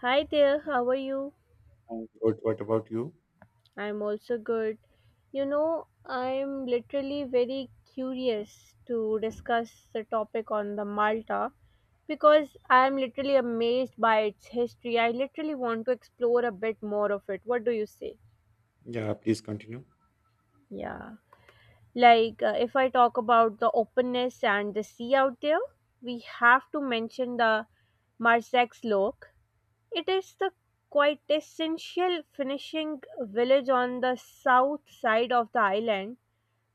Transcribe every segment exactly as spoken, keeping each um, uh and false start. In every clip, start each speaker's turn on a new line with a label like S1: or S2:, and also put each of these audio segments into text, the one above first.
S1: Hi there, how are you?
S2: I'm good. What about you?
S1: I'm also good. You know, I'm literally very curious to discuss the topic on the Malta because I'm literally amazed by its history. I literally want to explore a bit more of it. What do you say?
S2: Yeah, please continue.
S1: Yeah. Like, uh, if I talk about the openness and the sea out there, we have to mention the Marsex Loch. It is the quintessential finishing village on the south side of the island,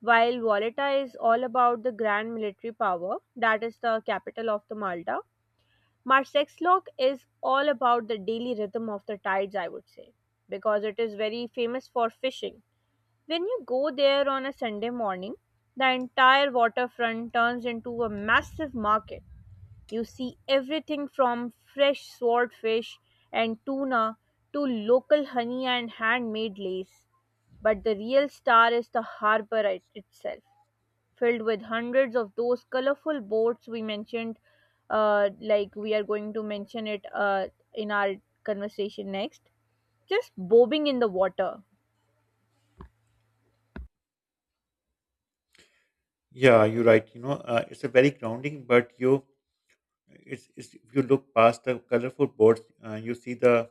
S1: while Valletta is all about the grand military power that is the capital of the Malta. Marsexlock is all about the daily rhythm of the tides, I would say, because it is very famous for fishing. When you go there on a Sunday morning, the entire waterfront turns into a massive market. You see everything from fresh swordfish and tuna to local honey and handmade lace. But the real star is the harbor it- itself, filled with hundreds of those colorful boats we mentioned, uh, like we are going to mention it uh, in our conversation next, just bobbing in the water.
S2: Yeah, you're right. You know, uh, it's a very grounding, but you, it's, it's if you look past the colorful boards, uh, you see the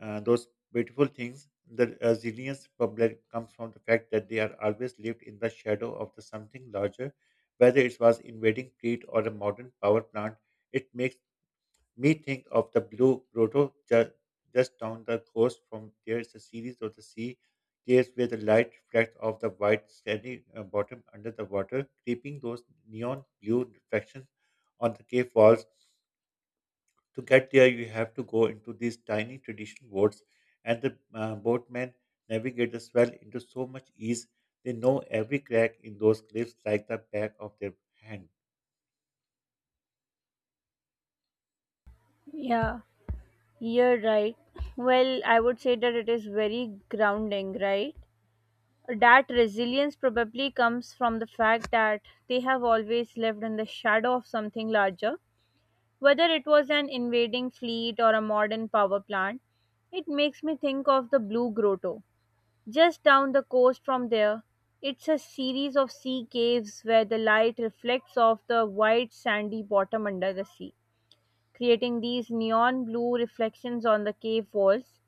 S2: uh, those beautiful things. The resilience problem comes from the fact that they are always lived in the shadow of the something larger, whether it was invading fleet or a modern power plant. It makes me think of the blue grotto ju- just down the coast from there is a series of the sea caves where the light reflects off the white sandy uh, bottom under the water, creeping those neon blue reflections on the cave walls. To get there, you have to go into these tiny traditional boats, and the uh, boatmen navigate the swell into so much ease. They know every crack in those cliffs like the back of their hand.
S1: Yeah. You're right. Well, I would say that it is very grounding, right? That resilience probably comes from the fact that they have always lived in the shadow of something larger, whether it was an invading fleet or a modern power plant. It makes me think of the Blue Grotto. Just down the coast from there, it's a series of sea caves where the light reflects off the white sandy bottom under the sea, creating these neon blue reflections on the cave walls,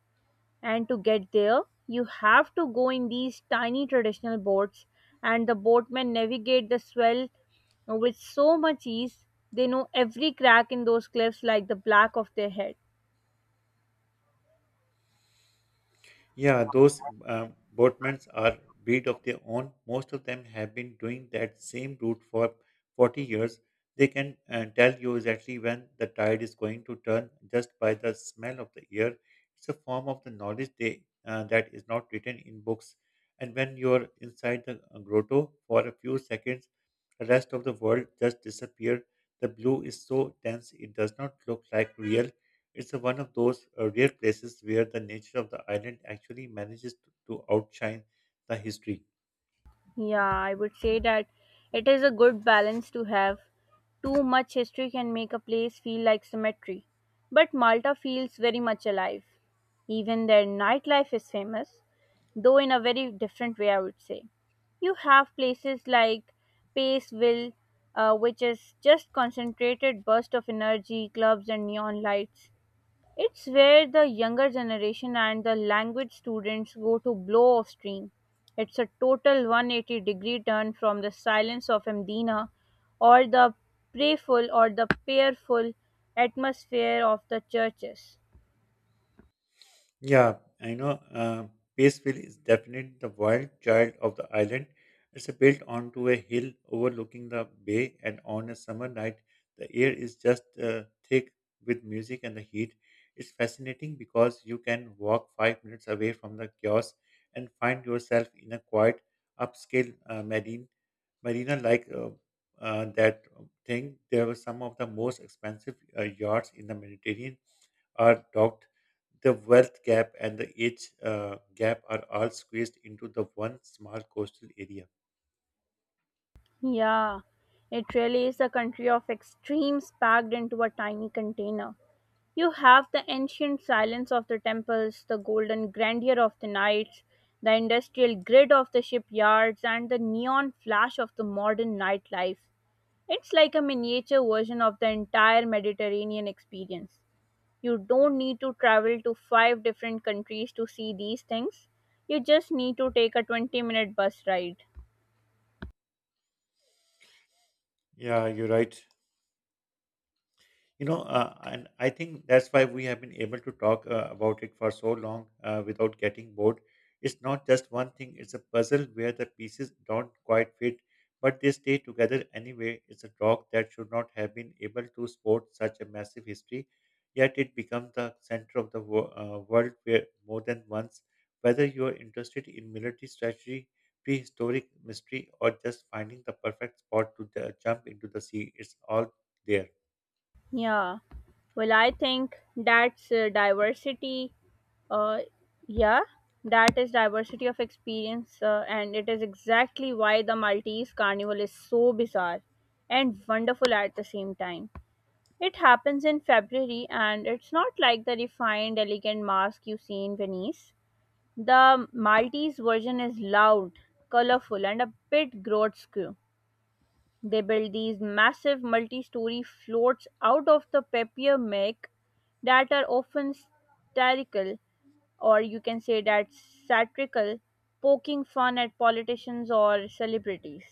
S1: and to get there, you have to go in these tiny traditional boats, and the boatmen navigate the swell with so much ease. They know every crack in those cliffs like the black of their head.
S2: Yeah, those um, boatmen are breed of their own. Most of them have been doing that same route for forty years. They can uh, tell you exactly when the tide is going to turn just by the smell of the air. It's a form of the knowledge they, uh, that is not written in books. And when you're inside the uh, grotto for a few seconds, the rest of the world just disappears. The blue is so dense it does not look like real. It's a one of those uh, rare places where the nature of the island actually manages to, to outshine the history.
S1: Yeah, I would say that it is a good balance to have. Too much history can make a place feel like cemetery, but Malta feels very much alive. Even their nightlife is famous, though in a very different way, I would say. You have places like Paceville, uh, which is just concentrated burst of energy, clubs and neon lights. It's where the younger generation and the language students go to blow off steam. It's a total one hundred eighty degree turn from the silence of Amdina or the prayerful or the prayerful atmosphere of the churches.
S2: Yeah, I know. Uh, Paceville is definitely the wild child of the island. It's built onto a hill overlooking the bay, and on a summer night, the air is just uh, thick with music and the heat. It's fascinating because you can walk five minutes away from the kiosk and find yourself in a quiet, upscale uh, marine marina like uh, uh, that thing there were some of the most expensive uh, yachts in the Mediterranean are docked. The wealth gap and the age uh, gap are all squeezed into the one small coastal area.
S1: Yeah, it really is a country of extremes packed into a tiny container. You have the ancient silence of the temples, the golden grandeur of the nights, the industrial grid of the shipyards, and the neon flash of the modern nightlife. It's like a miniature version of the entire Mediterranean experience. You don't need to travel to five different countries to see these things. You just need to take a twenty minute bus ride.
S2: Yeah, you're right. You know, uh, and I think that's why we have been able to talk uh, about it for so long uh, without getting bored. It's not just one thing, it's a puzzle where the pieces don't quite fit but they stay together anyway. It's a dog that should not have been able to sport such a massive history, yet it becomes the center of the wo- uh, world where more than once, whether you are interested in military strategy, prehistoric mystery, or just finding the perfect spot to uh, jump into the sea, it's all there.
S1: Yeah. Well, I think that's uh, diversity. Uh, yeah, that is diversity of experience, uh, and it is exactly why the Maltese Carnival is so bizarre and wonderful at the same time. It happens in February, and it's not like the refined, elegant mask you see in Venice. The Maltese version is loud, colorful, and a bit grotesque. They built these massive multi story floats out of the papier mache that are often satirical, or you can say that satirical, poking fun at politicians or celebrities.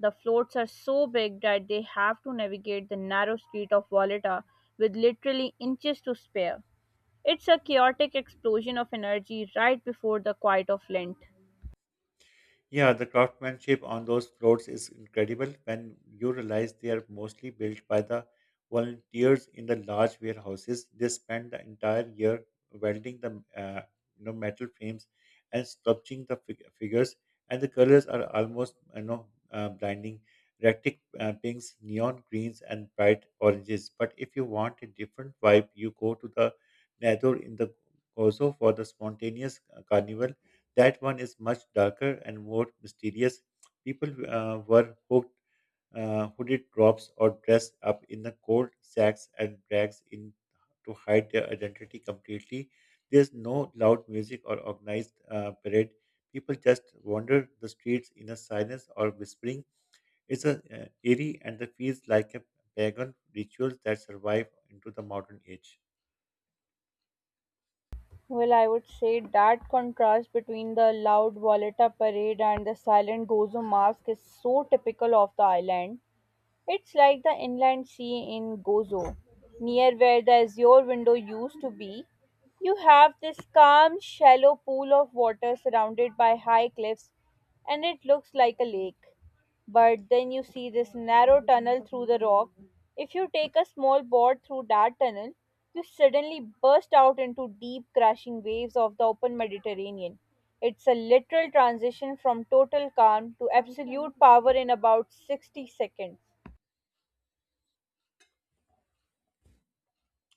S1: The floats are so big that they have to navigate the narrow street of Volata with literally inches to spare. It's a chaotic explosion of energy right before the quiet of Lent.
S2: Yeah, the craftsmanship on those floats is incredible when you realize they are mostly built by the volunteers in the large warehouses. They spend the entire year welding the uh, you know metal frames and sculpting the fig- figures, and the colors are almost you know uh, blinding. Erratic uh, pinks, neon greens, and bright oranges. But if you want a different vibe, you go to the Nador in the Gozo for the spontaneous uh, carnival. That one is much darker and more mysterious. People uh, were hooked, uh, hooded drops or dressed up in the cold sacks and rags in to hide their identity completely. There's no loud music or organized uh, parade. People just wander the streets in a silence or whispering. It's a uh, eerie and it feels like a pagan rituals that survive into the modern age.
S1: Well, I would say that contrast between the loud Volata parade and the silent Gozo mask is so typical of the island. It's like the inland sea in Gozo, near where the azure window used to be. You have this calm, shallow pool of water surrounded by high cliffs, and it looks like a lake. But then you see this narrow tunnel through the rock. If you take a small board through that tunnel, you suddenly burst out into deep, crashing waves of the open Mediterranean. It's a literal transition from total calm to absolute power in about sixty seconds.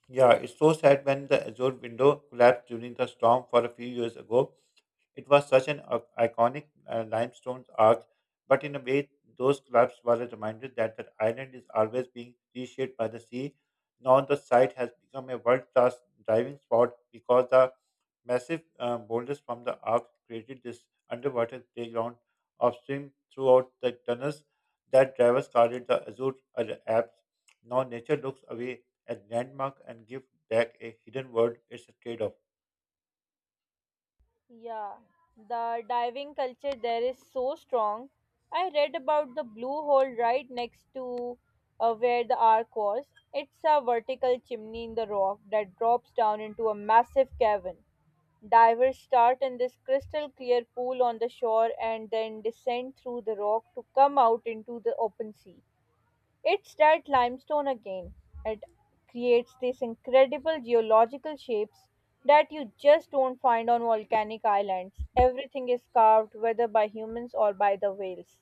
S2: Yeah, it's so sad when the Azure window collapsed during the storm for a few years ago. It was such an uh, iconic uh, limestone arch, but in a way, those collapses were a reminder that the island is always being reshaped by the sea. Now the site has become a world-class diving spot because the massive uh, boulders from the arc created this underwater playground upstream throughout the tunnels that drivers guarded the Azure Ar- Alps. Now nature looks away at landmark and gives back a hidden world. It's a trade-off.
S1: Yeah, the diving culture there is so strong. I read about the blue hole right next to uh, where the ark was. It's a vertical chimney in the rock that drops down into a massive cavern. Divers start in this crystal clear pool on the shore and then descend through the rock to come out into the open sea. It's that limestone again. It creates these incredible geological shapes that you just don't find on volcanic islands. Everything is carved, whether by humans or by the whales.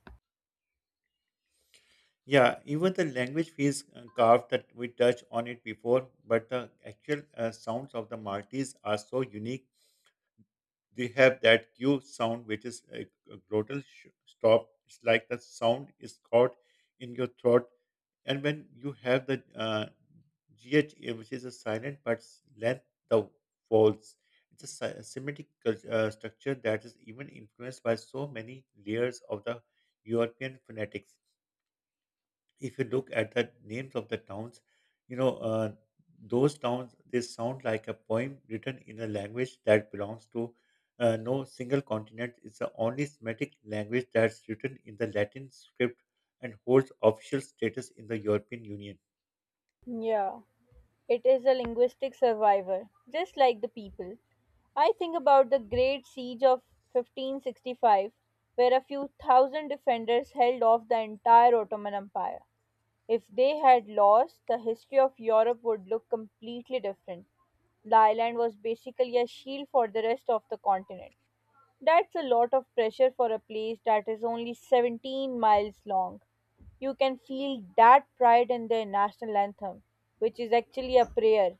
S2: Yeah, even the language feels uh, carved that we touched on it before, but the actual uh, sounds of the Maltese are so unique. They have that Q sound, which is a, a glottal sh- stop. It's like the sound is caught in your throat. And when you have the uh, G H, uh, which is a silent but s- length, the folds, it's a, si- a Semitic cul- uh, structure that is even influenced by so many layers of the European phonetics. If you look at the names of the towns, you know, uh, those towns, they sound like a poem written in a language that belongs to uh, no single continent. It's the only Semitic language that's written in the Latin script and holds official status in the European Union.
S1: Yeah, it is a linguistic survivor, just like the people. I think about the Great Siege of fifteen sixty-five, where a few thousand defenders held off the entire Ottoman Empire. If they had lost, the history of Europe would look completely different. The island was basically a shield for the rest of the continent. That's a lot of pressure for a place that is only seventeen miles long. You can feel that pride in their national anthem, which is actually a prayer.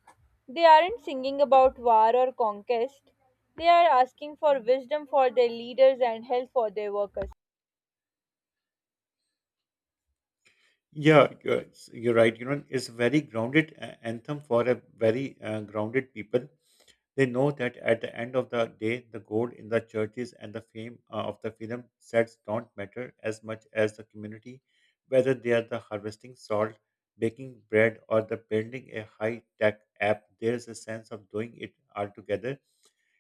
S1: They aren't singing about war or conquest, they are asking for wisdom for their leaders and health for their workers.
S2: Yeah, you're, you're right. You know, it's a very grounded uh, anthem for a very uh, grounded people. They know that at the end of the day, the gold in the churches and the fame uh, of the film sets don't matter as much as the community, whether they are the harvesting salt, baking bread, or the building a high tech app. There is a sense of doing it all together.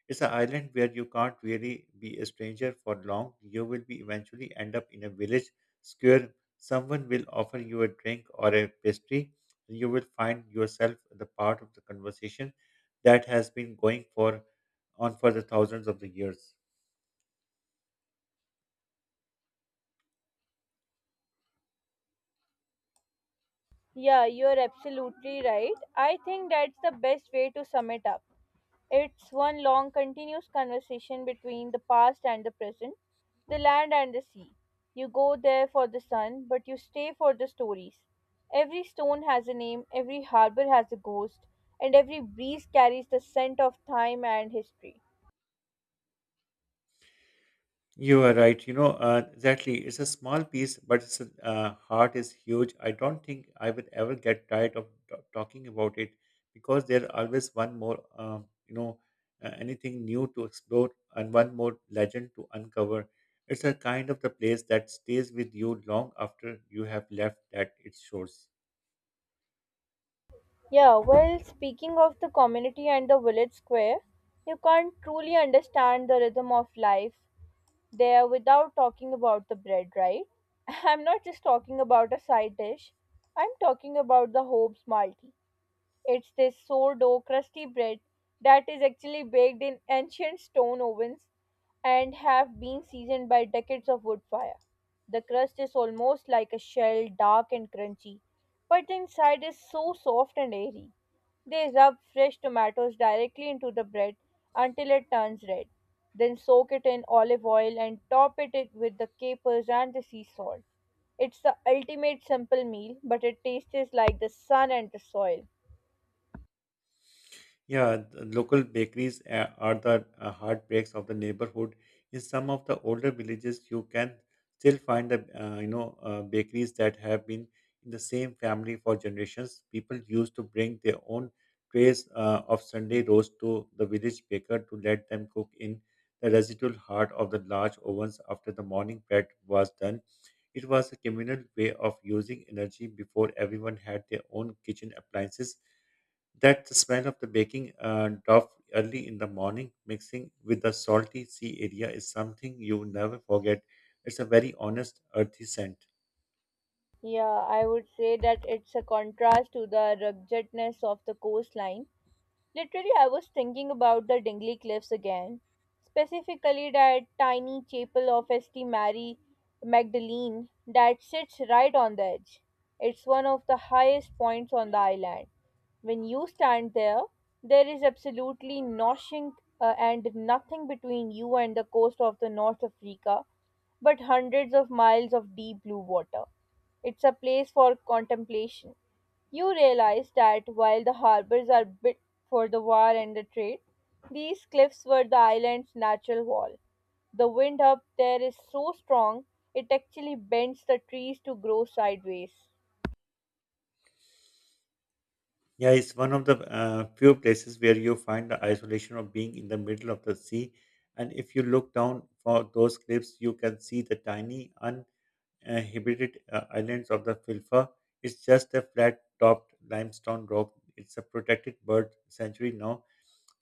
S2: It's an island where you can't really be a stranger for long. You will be eventually end up in a village square. Someone will offer you a drink or a pastry, and you will find yourself the part of the conversation that has been going for on for the thousands of the years.
S1: Yeah, you're absolutely right. I think that's the best way to sum it up. It's one long, continuous conversation between the past and the present, the land and the sea. You go there for the sun, but you stay for the stories. Every stone has a name, every harbor has a ghost, and every breeze carries the scent of time and history.
S2: You are right. You know, uh, exactly. It's a small piece, but its uh, heart is huge. I don't think I would ever get tired of t- talking about it because there's always one more, um, you know, uh, anything new to explore and one more legend to uncover. It's a kind of the place that stays with you long after you have left that its shores.
S1: Yeah, well, speaking of the community and the village square, you can't truly understand the rhythm of life there without talking about the bread, right? I'm not just talking about a side dish, I'm talking about the Hobbs multi. It's this sourdough crusty bread that is actually baked in ancient stone ovens and have been seasoned by decades of wood fire. The crust is almost like a shell, dark and crunchy, but the inside is so soft and airy. They rub fresh tomatoes directly into the bread until it turns red, then soak it in olive oil and top it it with the capers and the sea salt. It's the ultimate simple meal, but it tastes like the sun and the soil.
S2: Yeah, the local bakeries uh, are the uh, heartbreaks of the neighborhood. In some of the older villages, you can still find the uh, you know uh, bakeries that have been in the same family for generations. People used to bring their own trays uh, of Sunday roast to the village baker to let them cook in the residual heart of the large ovens after the morning bread was done. It was a communal way of using energy before everyone had their own kitchen appliances that the smell of the baking uh, dough early in the morning, mixing with the salty sea area, is something you never forget. It's a very honest, earthy scent.
S1: Yeah, I would say that it's a contrast to the ruggedness of the coastline. Literally, I was thinking about the Dingley Cliffs again, specifically that tiny chapel of saint Mary Magdalene that sits right on the edge. It's one of the highest points on the island. When you stand there, there is absolutely nothing uh, and nothing between you and the coast of the North Africa, but hundreds of miles of deep blue water. It's a place for contemplation. You realize that while the harbors are built for the war and the trade, these cliffs were the island's natural wall. The wind up there is so strong, it actually bends the trees to grow sideways.
S2: Yeah, it's one of the uh, few places where you find the isolation of being in the middle of the sea. And if you look down for those cliffs, you can see the tiny, uh, Hebridean uh, islands of the Filfa is just a flat-topped limestone rock. It's a protected bird sanctuary now.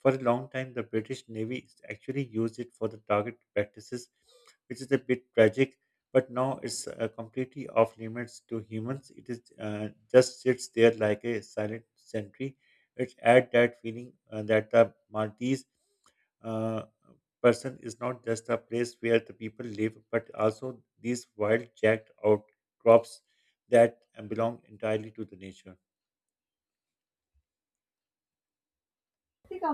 S2: For a long time, the British Navy actually used it for the target practices, which is a bit tragic. But now it's uh, completely off limits to humans. It is uh, just sits there like a silent sentry. It adds that feeling uh, that the Maltese uh, person is not just a place where the people live, but also these wild jacked outcrops that belong entirely to the nature.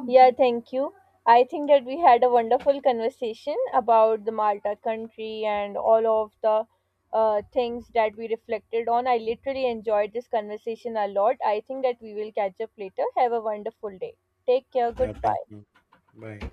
S1: Yeah, thank you. I think that we had a wonderful conversation about the Malta country and all of the uh, things that we reflected on. I literally enjoyed this conversation a lot. I think that we will catch up later. Have a wonderful day. Take care.
S2: Yeah, thank
S1: Goodbye.
S2: you. Bye.